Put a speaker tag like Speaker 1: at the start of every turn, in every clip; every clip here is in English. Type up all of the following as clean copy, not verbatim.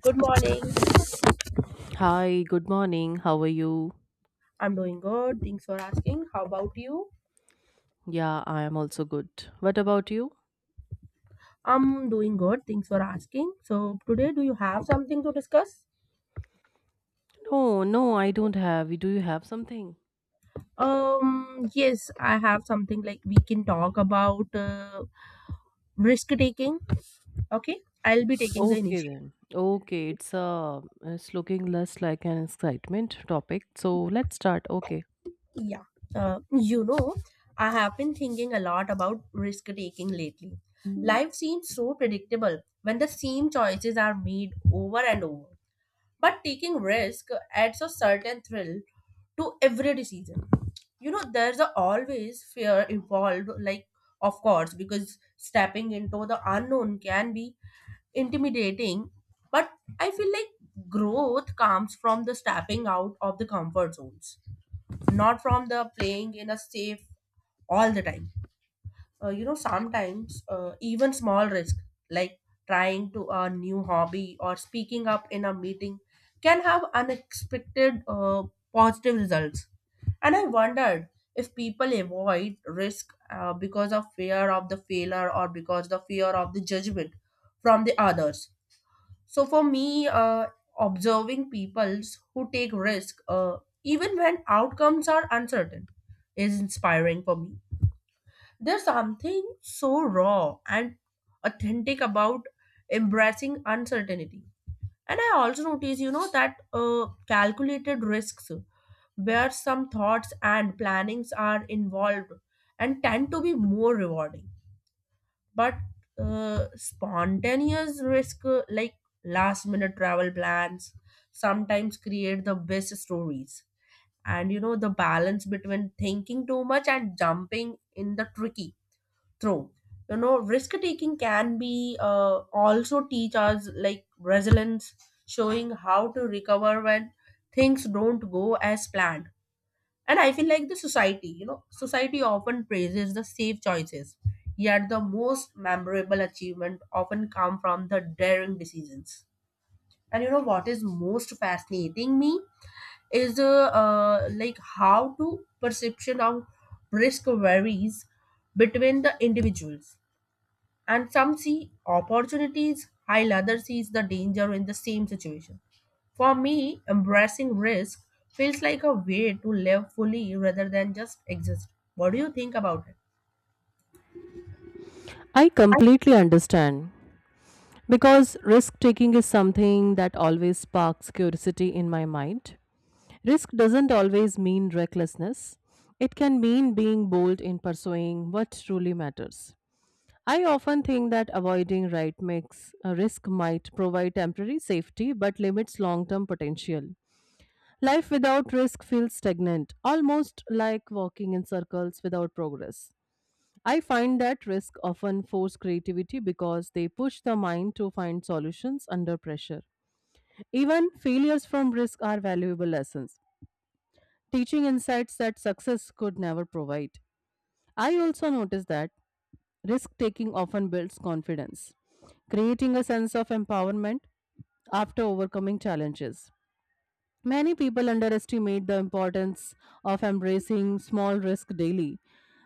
Speaker 1: Good morning.
Speaker 2: Hi, good morning. How are you?
Speaker 1: I'm doing good. Thanks for asking. How about you?
Speaker 2: Yeah, I am also good. What about you?
Speaker 1: I'm doing good. Thanks for asking. So today, do you have something to discuss?
Speaker 2: No, I don't have. Do you have something?
Speaker 1: Yes, I have something like we can talk about risk taking. Okay, I'll be taking the
Speaker 2: Okay
Speaker 1: initiative.
Speaker 2: then. Okay, it's looking less like an excitement topic. So let's start. Okay.
Speaker 1: Yeah. Uh, you know, I have been thinking a lot about risk taking lately. Life seems so predictable when the same choices are made over and over. But taking risk adds a certain thrill to every decision. There's a always fear involved, like, of course, because stepping into the unknown can be intimidating. But I feel like growth comes from the stepping out of the comfort zones, not from the playing in a safe all the time. Sometimes, even small risk like trying to a new hobby or speaking up in a meeting can have unexpected, positive results. And I wondered if people avoid risk, because of fear of the failure or because the fear of the judgment from the others. So for me, observing peoples who take risk, even when outcomes are uncertain, is inspiring for me. There's something so raw and authentic about embracing uncertainty. And I also notice, that calculated risks, where some thoughts and plannings are involved, and tend to be more rewarding. But spontaneous risk, like last minute travel plans, sometimes create the best stories. And the balance between thinking too much and jumping in the tricky. True. Risk taking can be also teach us like resilience, showing how to recover when things don't go as planned. And I feel like the society, society often praises the safe choices, yet the most memorable achievement often come from the daring decisions. And you know what is most fascinating me is like how to perception of risk varies between the individuals, and some see opportunities while others sees the danger in the same situation. For me, embracing risk feels like a way to live fully rather than just exist. What do you think about it?
Speaker 2: I completely understand because risk taking is something that always sparks curiosity in my mind. Risk doesn't always mean recklessness. It can mean being bold in pursuing what truly matters. I often think that avoiding right mix risk might provide temporary safety but limits long term potential. Life without risk feels stagnant, almost like walking in circles without progress. I find that risk often force creativity because they push the mind to find solutions under pressure. Even failures from risk are valuable lessons, teaching insights that success could never provide. I also notice that risk taking often builds confidence, creating a sense of empowerment after overcoming challenges. Many people underestimate the importance of embracing small risk daily.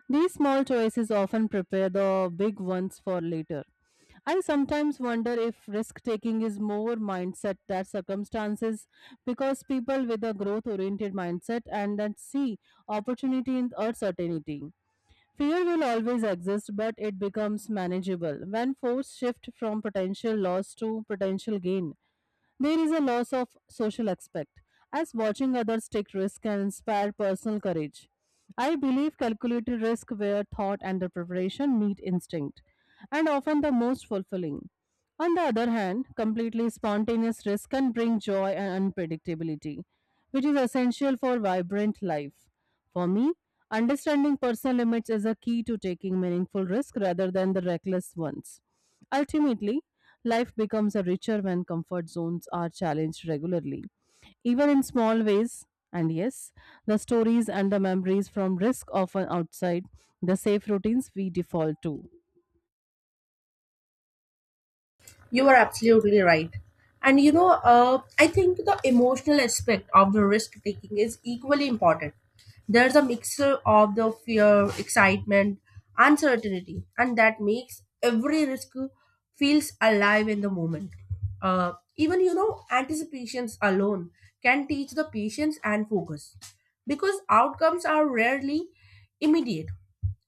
Speaker 2: These small choices often prepare the big ones for later. I sometimes wonder if risk taking is more mindset than circumstances because people with a growth oriented mindset and that see opportunity in uncertainty. Fear will always exist, but it becomes manageable when force shift from potential loss to potential gain. There is a loss of social aspect, as watching others take risk can inspire personal courage. I believe calculated risk where thought and the preparation meet instinct, and often the most fulfilling. On the other hand, completely spontaneous risk can bring joy and unpredictability, which is essential for vibrant life. For me, understanding personal limits is a key to taking meaningful risks rather than the reckless ones. Ultimately, life becomes a richer when comfort zones are challenged regularly, even in small ways. And yes, the stories and the memories from risk often outside the safe routines we default to.
Speaker 1: You are absolutely right. And I think the emotional aspect of the risk taking is equally important. There's a mixture of the fear, excitement, uncertainty, and that makes every risk feels alive in the moment. Even anticipations alone can teach the patience and focus because outcomes are rarely immediate.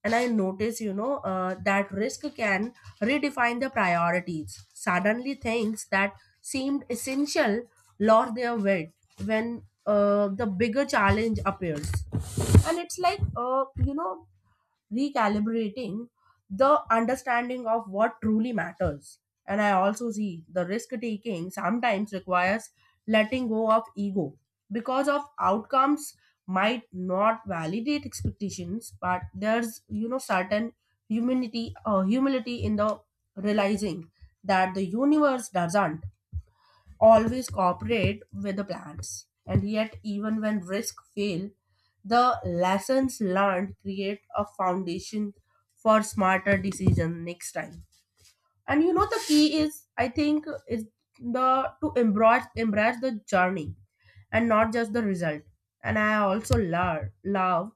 Speaker 1: And I notice, that risk can redefine the priorities. Suddenly things that seemed essential lost their weight when, the bigger challenge appears. And it's like, uh, you know recalibrating the understanding of what truly matters. And I also see the risk taking sometimes requires letting go of ego, because of outcomes might not validate expectations, but there's certain humility, humility in the realizing that the universe doesn't always cooperate with the plants. And yet, even when risks fail, the lessons learned create a foundation for smarter decision next time. And the key is, I think, is the to embrace the journey and not just the result. And I also love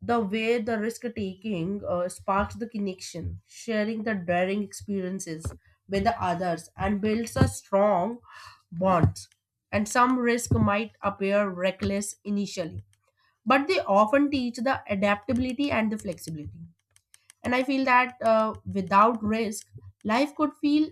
Speaker 1: the way the risk taking sparks the connection, sharing the daring experiences with the others, and builds a strong bond. And some risk might appear reckless initially, but they often teach the adaptability and the flexibility. And I feel that, without risk, life could feel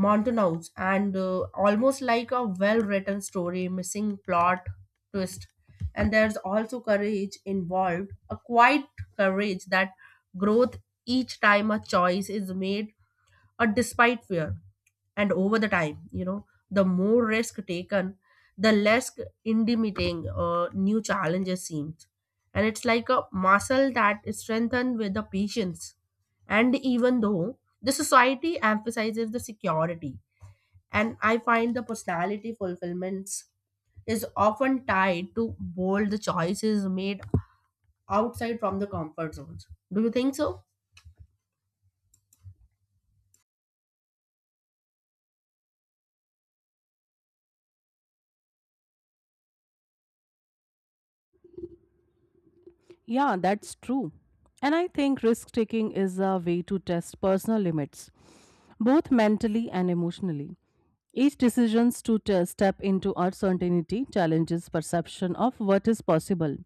Speaker 1: Montanous and, almost like a well written story, missing plot twist. And there's also courage involved, a quiet courage that growth each time a choice is made, or despite fear. And over the time, the more risk taken, the less intimidating, new challenges seems. And it's like a muscle that is strengthened with the patience. And even though the society emphasizes the security, and I find the personality fulfillments is often tied to bold choices made outside from the comfort zones. Do you think so?
Speaker 2: Yeah, that's true. And I think risk taking is a way to test personal limits, both mentally and emotionally. Each decision to step into uncertainty challenges perception of what is possible.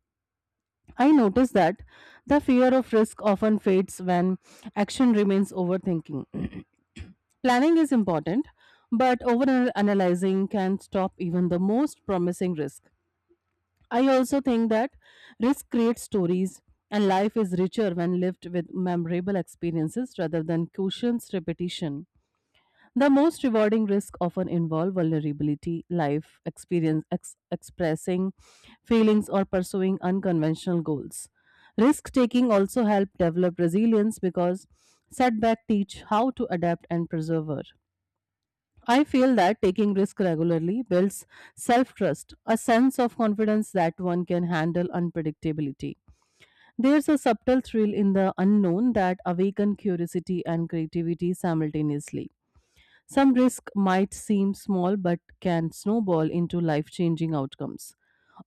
Speaker 2: I notice that the fear of risk often fades when action remains overthinking. Planning is important, but overanalyzing can stop even the most promising risk. I also think that risk creates stories, and life is richer when lived with memorable experiences rather than cushions repetition. The most rewarding risks often involve vulnerability, life experience, expressing feelings, or pursuing unconventional goals. Risk taking also helps develop resilience because setbacks teach how to adapt and persevere. I feel that taking risk regularly builds self-trust, a sense of confidence that one can handle unpredictability. There's a subtle thrill in the unknown that awakens curiosity and creativity simultaneously. Some risk might seem small but can snowball into life changing outcomes.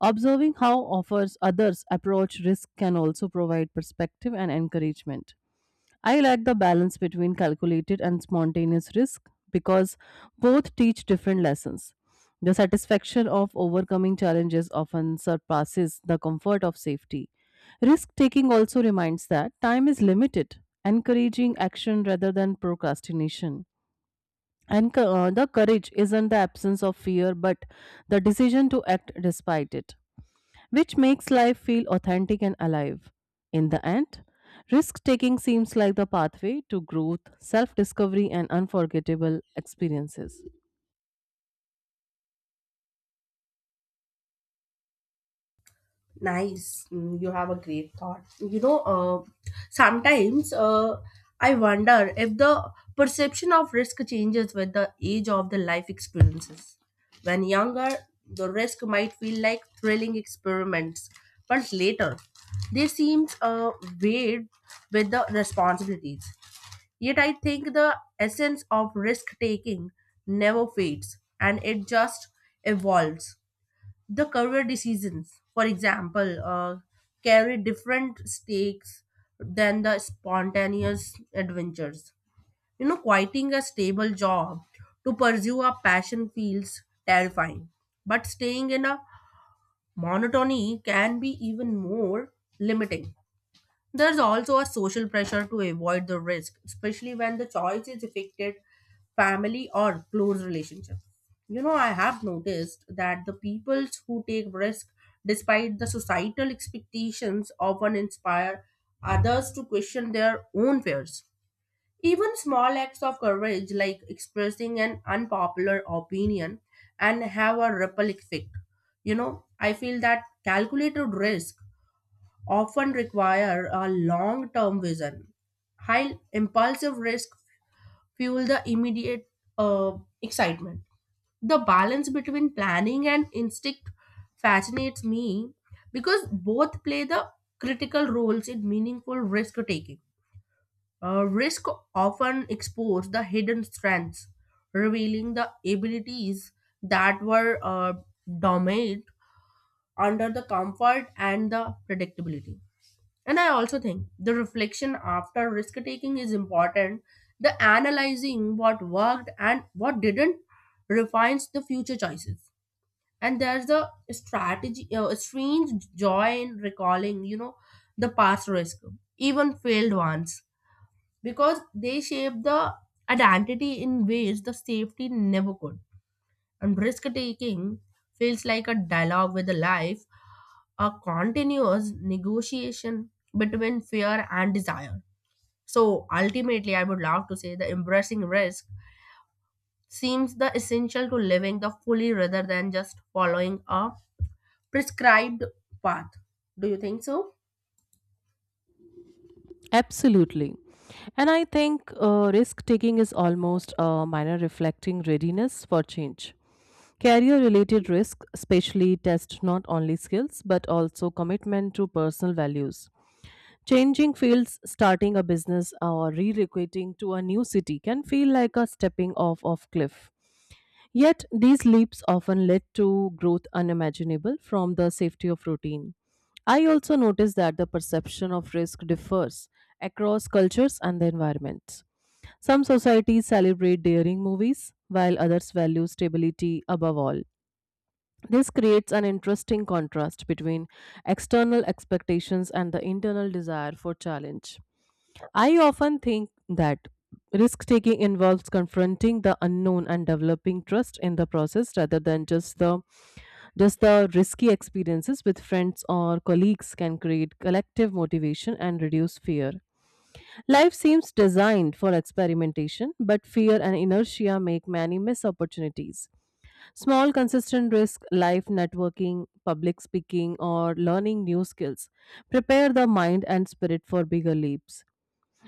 Speaker 2: Observing how offers others approach risk can also provide perspective and encouragement. I like the balance between calculated and spontaneous risk because both teach different lessons. The satisfaction of overcoming challenges often surpasses the comfort of safety. Risk taking also reminds that time is limited, encouraging action rather than procrastination. And the courage isn't the absence of fear, but the decision to act despite it, which makes life feel authentic and alive. In the end, risk taking seems like the pathway to growth, self discovery, and unforgettable experiences.
Speaker 1: Nice. Mm. You have a great thought. Sometimes, I wonder if the perception of risk changes with the age of the life experiences. When younger, the risk might feel like thrilling experiments, but later, they seem, weighed with the responsibilities. Yet I think the essence of risk taking never fades and it just evolves the career decisions, for example, carry different stakes than the spontaneous adventures. Quitting a stable job to pursue a passion feels terrifying, but staying in a monotony can be even more limiting. There's also a social pressure to avoid the risk, especially when the choice is affected family or close relationship. I have noticed that the peoples who take risk despite the societal expectations often inspire others to question their own fears. Even small acts of courage like expressing an unpopular opinion and have a ripple effect. I feel that calculated risk often require a long term vision. High impulsive risk fuel the immediate, uh, excitement. The balance between planning and instinct fascinates me because both play the critical roles in meaningful risk taking. Risk often expose the hidden strengths, revealing the abilities that were, dormant under the comfort and the predictability. And I also think the reflection after risk taking is important. The analyzing what worked and what didn't refines the future choices. And there's a strategy, a strange joy in recalling, the past risk, even failed ones, because they shape the identity in ways the safety never could. And risk taking feels like a dialogue with the life, a continuous negotiation between fear and desire. So ultimately, I would love to say the embracing risk seems the essential to living the fully rather than just following a prescribed path. Do you think so?
Speaker 2: Absolutely. And I think risk taking is almost a minor reflecting readiness for change. Career related risk, especially, test not only skills but also commitment to personal values. Changing fields, starting a business, or relocating to a new city can feel like a stepping off of cliff. Yet, these leaps often led to growth unimaginable from the safety of routine. I also noticed that the perception of risk differs across cultures and the environments. Some societies celebrate daring movies, while others value stability above all. This creates an interesting contrast between external expectations and the internal desire for challenge. I often think that risk taking involves confronting the unknown and developing trust in the process rather than just the risky experiences with friends or colleagues can create collective motivation and reduce fear. Life seems designed for experimentation, but fear and inertia make many miss opportunities. Small consistent risk, life networking, public speaking or learning new skills prepare the mind and spirit for bigger leaps.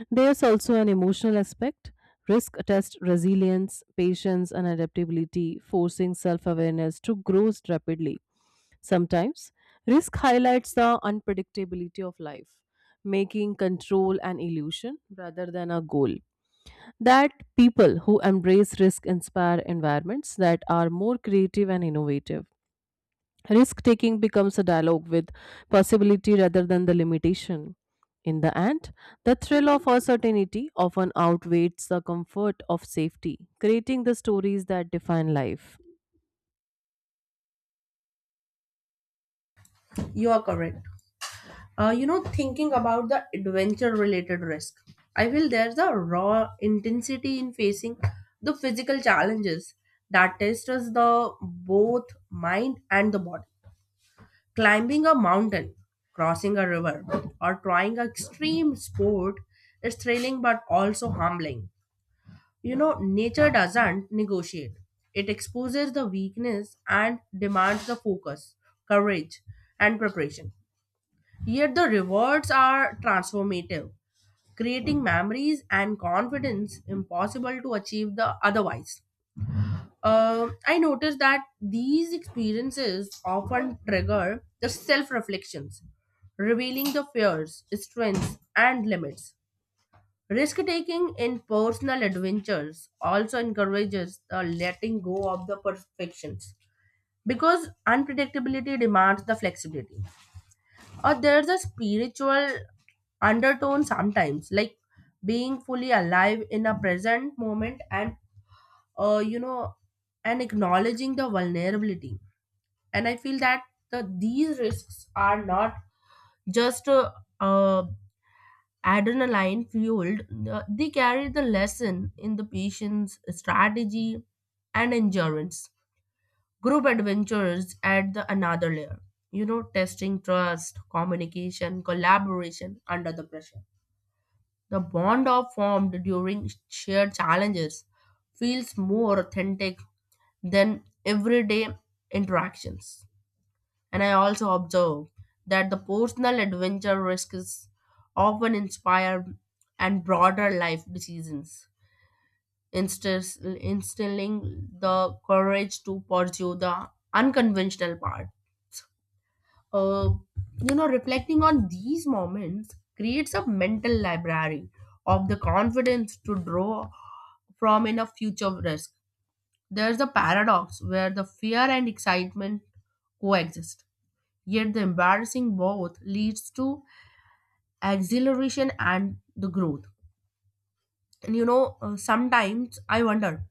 Speaker 2: There's also an emotional aspect. Risk tests resilience, patience, and adaptability, forcing self awareness to grow rapidly. Sometimes, risk highlights the unpredictability of life, making control an illusion rather than a goal. That people who embrace risk inspire environments that are more creative and innovative. Risk taking becomes a dialogue with possibility rather than the limitation. In the end, the thrill of uncertainty often outweighs the comfort of safety, creating the stories that define life.
Speaker 1: You are correct. Thinking about the adventure related risk, I feel there's a raw intensity in facing the physical challenges that tests the both mind and the body. Climbing a mountain, crossing a river, or trying an extreme sport is thrilling but also humbling. Nature doesn't negotiate, it exposes the weakness and demands the focus, courage, and preparation. Yet the rewards are transformative, creating memories and confidence impossible to achieve the otherwise. I noticed that these experiences often trigger the self reflections, revealing the fears, strengths, and limits. Risk taking in personal adventures also encourages the letting go of the perfections because unpredictability demands the flexibility. Or there's a spiritual undertone sometimes, like being fully alive in a present moment uh, you know, and acknowledging the vulnerability. And I feel that the, these risks are not just uh, adrenaline fueled. They carry the lesson in the patient's strategy and endurance. Group adventures add the another layer, testing trust, communication, collaboration under the pressure. The bond of formed during shared challenges feels more authentic than everyday interactions. And I also observe that the personal adventure risks often inspire and broader life decisions, instilling the courage to pursue the unconventional path. Uh, Reflecting on these moments creates a mental library of the confidence to draw from in a future risk. There's a paradox where the fear and excitement coexist. Yet the embarrassing both leads to exhilaration and the growth. And sometimes I wonder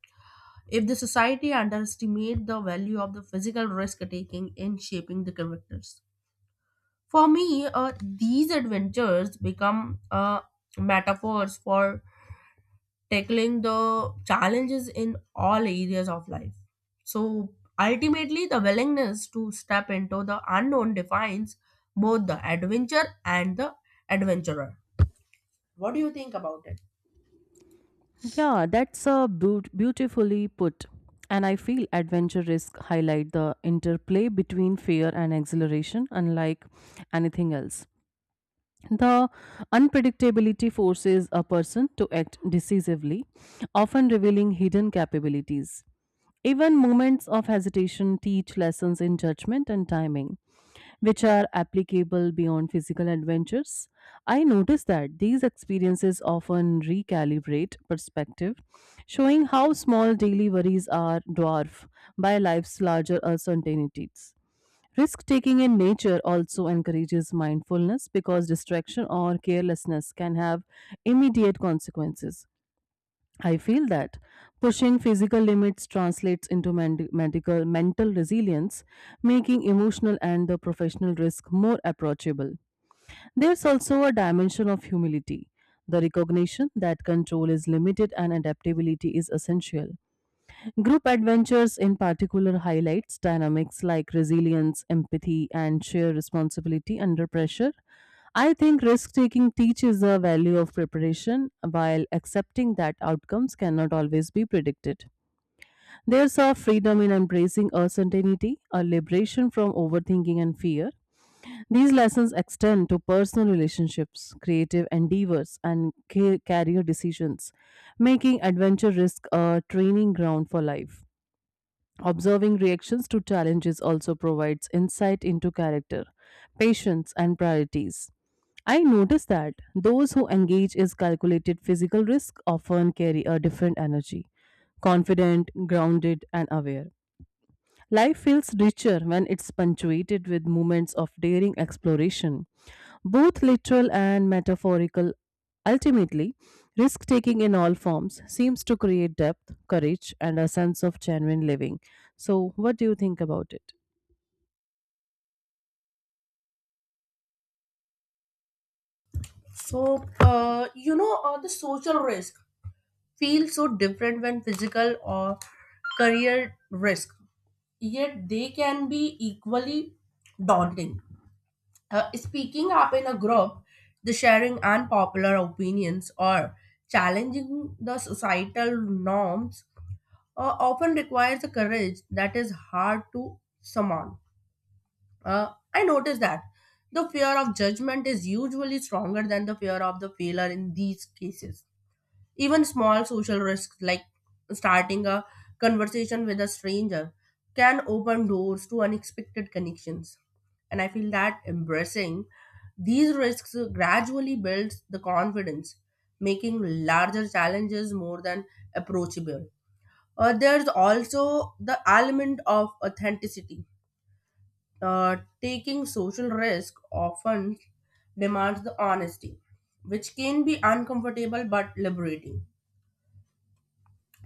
Speaker 1: if the society underestimate the value of the physical risk taking in shaping the characters. For me, these adventures become, metaphors for tackling the challenges in all areas of life. So ultimately, the willingness to step into the unknown defines both the adventure and the adventurer. What do you think about it?
Speaker 2: Yeah, that's a beautifully put. And I feel adventure risk highlight the interplay between fear and exhilaration unlike anything else. The unpredictability forces a person to act decisively, often revealing hidden capabilities. Even moments of hesitation teach lessons in judgment and timing, which are applicable beyond physical adventures. I notice that these experiences often recalibrate perspective, showing how small daily worries are dwarfed by life's larger uncertainties. Risk taking in nature also encourages mindfulness because distraction or carelessness can have immediate consequences. I feel that pushing physical limits translates into medical mental resilience, making emotional and the professional risk more approachable. There's also a dimension of humility, the recognition that control is limited and adaptability is essential. Group adventures, in particular, highlights dynamics like resilience, empathy, and shared responsibility under pressure. I think risk taking teaches the value of preparation while accepting that outcomes cannot always be predicted. There's a freedom in embracing uncertainty, a liberation from overthinking and fear. These lessons extend to personal relationships, creative endeavors, and career decisions, making adventure risk a training ground for life. Observing reactions to challenges also provides insight into character, patience, and priorities. I notice that those who engage in calculated physical risk often carry a different energy, confident, grounded, and aware. Life feels richer when it's punctuated with moments of daring exploration both literal and metaphorical. Ultimately, risk taking in all forms seems to create depth, courage, and a sense of genuine living. So, what do you think about it?
Speaker 1: So, the social risk feels so different when physical or career risk, yet they can be equally daunting. Speaking up in a group, the sharing unpopular opinions, or challenging the societal norms, often requires a courage that is hard to summon. I noticed that the fear of judgment is usually stronger than the fear of the failure in these cases. Even small social risks like starting a conversation with a stranger can open doors to unexpected connections. And I feel that embracing these risks gradually builds the confidence, making larger challenges more than approachable. There's also the element of authenticity, uh, taking social risk often demands the honesty, which can be uncomfortable but liberating.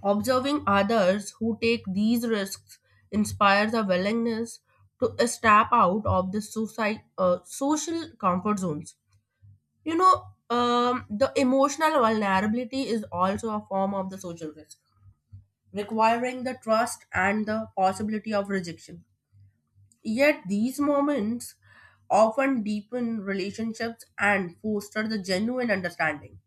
Speaker 1: Observing others who take these risks inspires a willingness to step out of the society, social comfort zones. The emotional vulnerability is also a form of the social risk, requiring the trust and the possibility of rejection. Yet these moments often deepen relationships and foster the genuine understanding.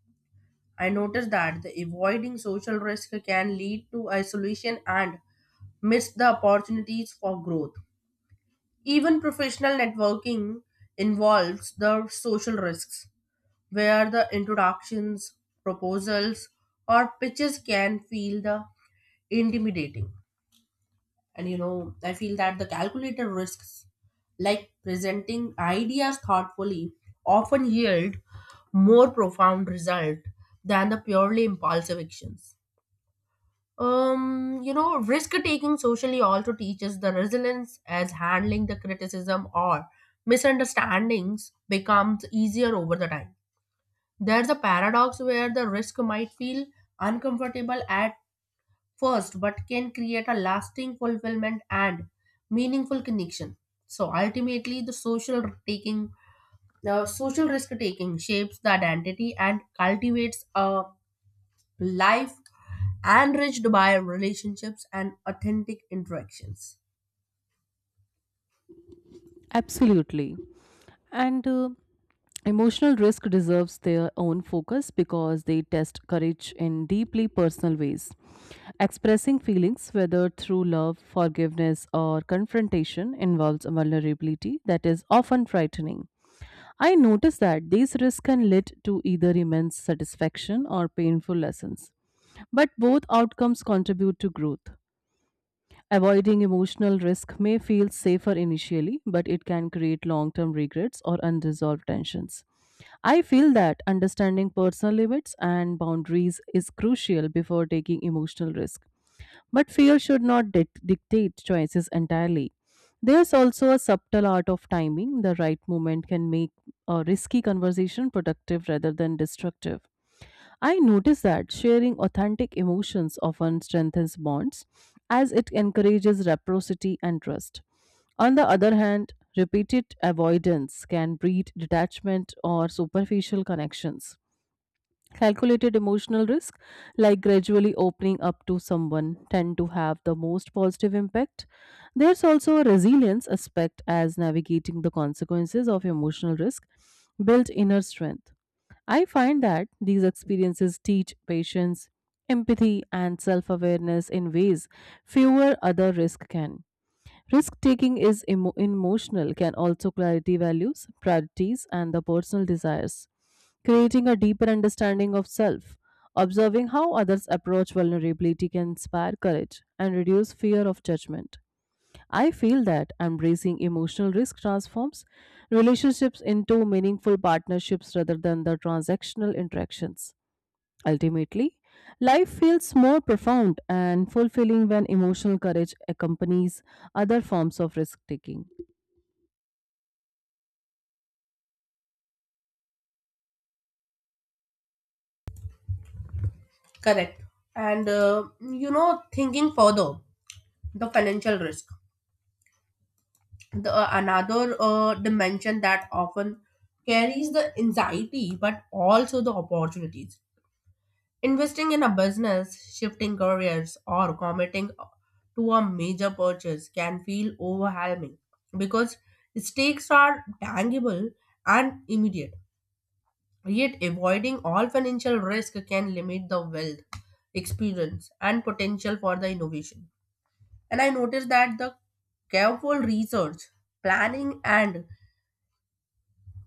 Speaker 1: I noticed that the avoiding social risk can lead to isolation and miss the opportunities for growth. Even professional networking involves the social risks, where the introductions, proposals, or pitches can feel the intimidating. And you know, I feel that the calculated risks, like presenting ideas thoughtfully, often yield more profound result than the purely impulsive actions. Risk taking socially also teaches the resilience as handling the criticism or misunderstandings becomes easier over the time. There's a paradox where the risk might feel uncomfortable at first, but can create a lasting fulfillment and meaningful connection. So ultimately, the social risk taking shapes the identity and cultivates a life enriched by relationships and authentic interactions.
Speaker 2: Absolutely. And emotional risk deserves their own focus because they test courage in deeply personal ways. Expressing feelings, whether through love, forgiveness, or confrontation, involves a vulnerability that is often frightening. I notice that these risks can lead to either immense satisfaction or painful lessons. But both outcomes contribute to growth. Avoiding emotional risk may feel safer initially, but it can create long term regrets or unresolved tensions. I feel that understanding personal limits and boundaries is crucial before taking emotional risk. But fear should not dictate choices entirely. There's also a subtle art of timing. The right moment can make a risky conversation productive rather than destructive. I notice that sharing authentic emotions often strengthens bonds as it encourages reciprocity and trust. On the other hand, repeated avoidance can breed detachment or superficial connections. Calculated emotional risk, like gradually opening up to someone, tend to have the most positive impact. There's also a resilience aspect as navigating the consequences of emotional risk, built inner strength. I find that these experiences teach patience, empathy, and self awareness in ways fewer other risk can. Risk taking is emotional, can also clarity values, priorities, and the personal desires. Creating a deeper understanding of self, observing how others approach vulnerability can inspire courage and reduce fear of judgment. I feel that embracing emotional risk transforms relationships into meaningful partnerships rather than the transactional interactions. Ultimately, life feels more profound and fulfilling when emotional courage accompanies other forms of risk taking.
Speaker 1: Correct. And thinking further, the financial risk, the another dimension that often carries the anxiety but also the opportunities. Investing in a business, shifting careers, or committing to a major purchase can feel overwhelming because stakes are tangible and immediate. Yet, avoiding all financial risk can limit the wealth, experience, and potential for the innovation. And I noticed that the careful research, planning, and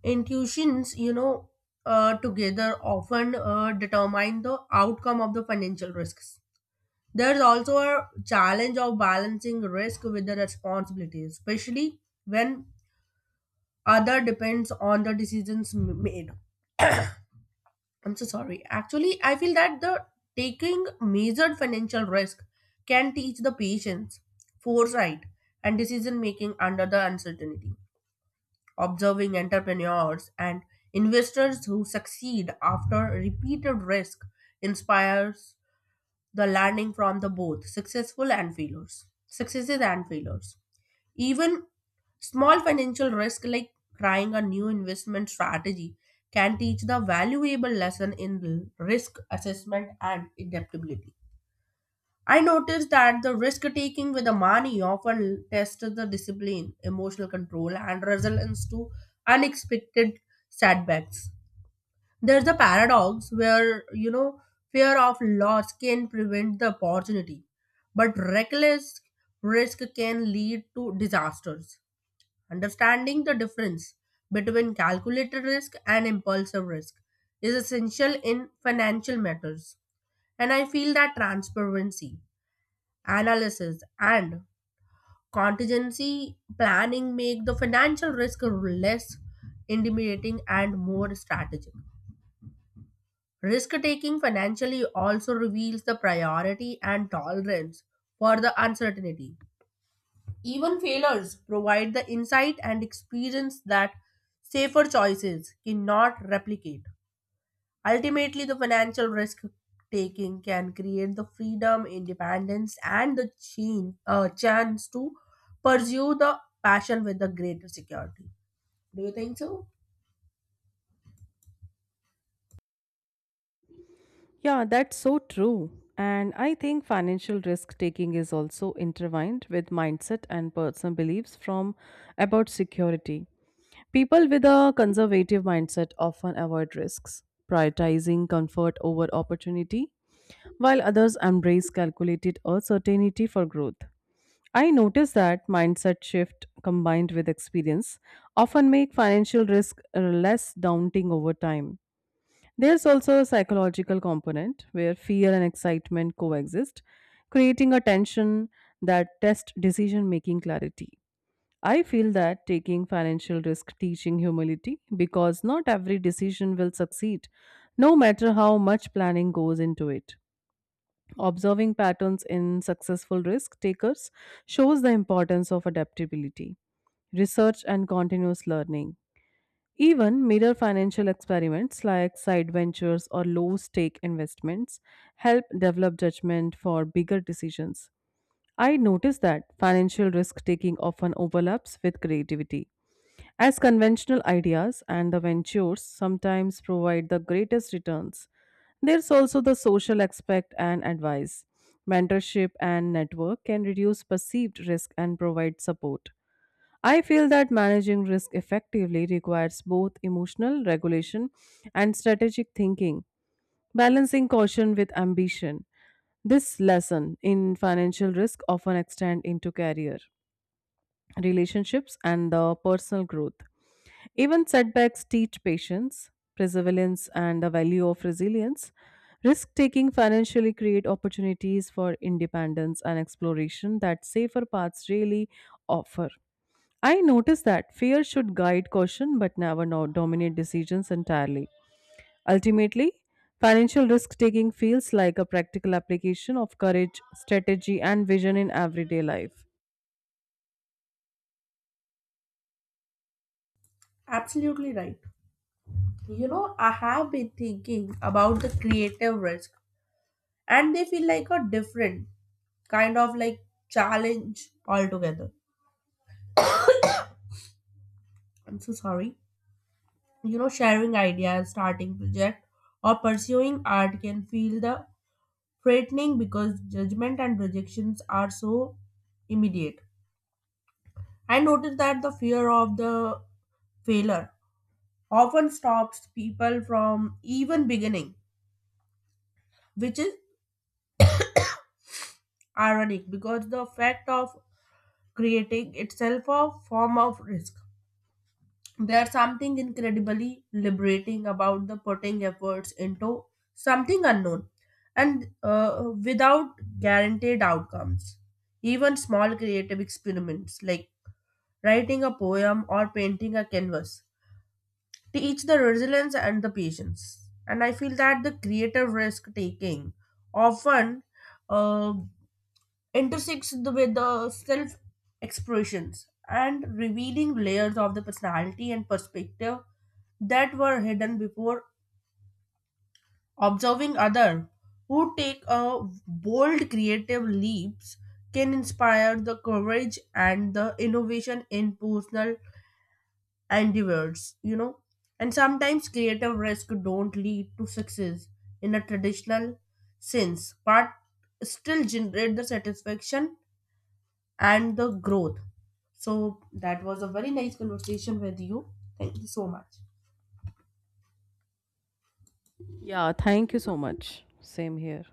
Speaker 1: intuitions, together often determine the outcome of the financial risks. There's also a challenge of balancing risk with the responsibility, especially when other depends on the decisions made. I'm so sorry. Actually, I feel that the taking measured financial risk can teach the patience, foresight, and decision making under the uncertainty. Observing entrepreneurs and investors who succeed after repeated risk inspires the learning from the both successful and failures successes and failures. Even small financial risk like trying a new investment strategy can teach the valuable lesson in risk assessment and adaptability. I noticed that the risk taking with the money often tests the discipline, emotional control, and results to unexpected setbacks. There's a paradox where, fear of loss can prevent the opportunity, but reckless risk can lead to disasters. Understanding the difference between calculated risk and impulsive risk is essential in financial matters. And I feel that transparency, analysis, and contingency planning make the financial risk less intimidating and more strategic. Risk taking financially also reveals the priority and tolerance for the uncertainty. Even failures provide the insight and experience that safer choices cannot replicate. Ultimately, the financial risk taking can create the freedom, independence, and the chance to pursue the passion with the greater security. Do you think so?
Speaker 2: Yeah, that's so true. And I think financial risk taking is also intertwined with mindset and personal beliefs from about security. People with a conservative mindset often avoid risks, prioritizing comfort over opportunity, while others embrace calculated uncertainty for growth. I notice that mindset shift combined with experience often make financial risk less daunting over time. There's also a psychological component where fear and excitement coexist, creating a tension that tests decision making clarity. I feel that taking financial risk teaching humility because not every decision will succeed, no matter how much planning goes into it. Observing patterns in successful risk takers shows the importance of adaptability, research, and continuous learning. Even mirror financial experiments like side ventures or low stake investments help develop judgment for bigger decisions. I noticed that financial risk taking often overlaps with creativity, as conventional ideas and the ventures sometimes provide the greatest returns. There's also the social aspect and advice. Mentorship and network can reduce perceived risk and provide support. I feel that managing risk effectively requires both emotional regulation and strategic thinking, balancing caution with ambition. This lesson in financial risk often extends into career, relationships, and the personal growth. Even setbacks teach patience, perseverance, and the value of resilience. Risk taking financially create opportunities for independence and exploration that safer paths really offer. I noticed that fear should guide caution but never dominate decisions entirely. Ultimately, financial risk taking feels like a practical application of courage, strategy, and vision in everyday life.
Speaker 1: Absolutely right. You know, I have been thinking about the creative risk and they feel like a different kind of like challenge altogether. I'm so sorry. You know, sharing ideas, starting project, or pursuing art can feel the frightening because judgment and rejections are so immediate. I noticed that the fear of the failure often stops people from even beginning, which is ironic because the fact of creating itself a form of risk. There's something incredibly liberating about the putting efforts into something unknown and without guaranteed outcomes. Even small creative experiments like writing a poem or painting a canvas teach the resilience and the patience. And I feel that the creative risk taking often uh, intersects with the self expressions and revealing layers of the personality and perspective that were hidden before. Observing other who take a bold creative leaps can inspire the courage and the innovation in personal endeavors, you know. And sometimes creative risk don't lead to success in a traditional sense but still generate the satisfaction and the growth. So that was a very nice conversation with you. Thank you so much.
Speaker 2: Yeah, thank you so much. Same here.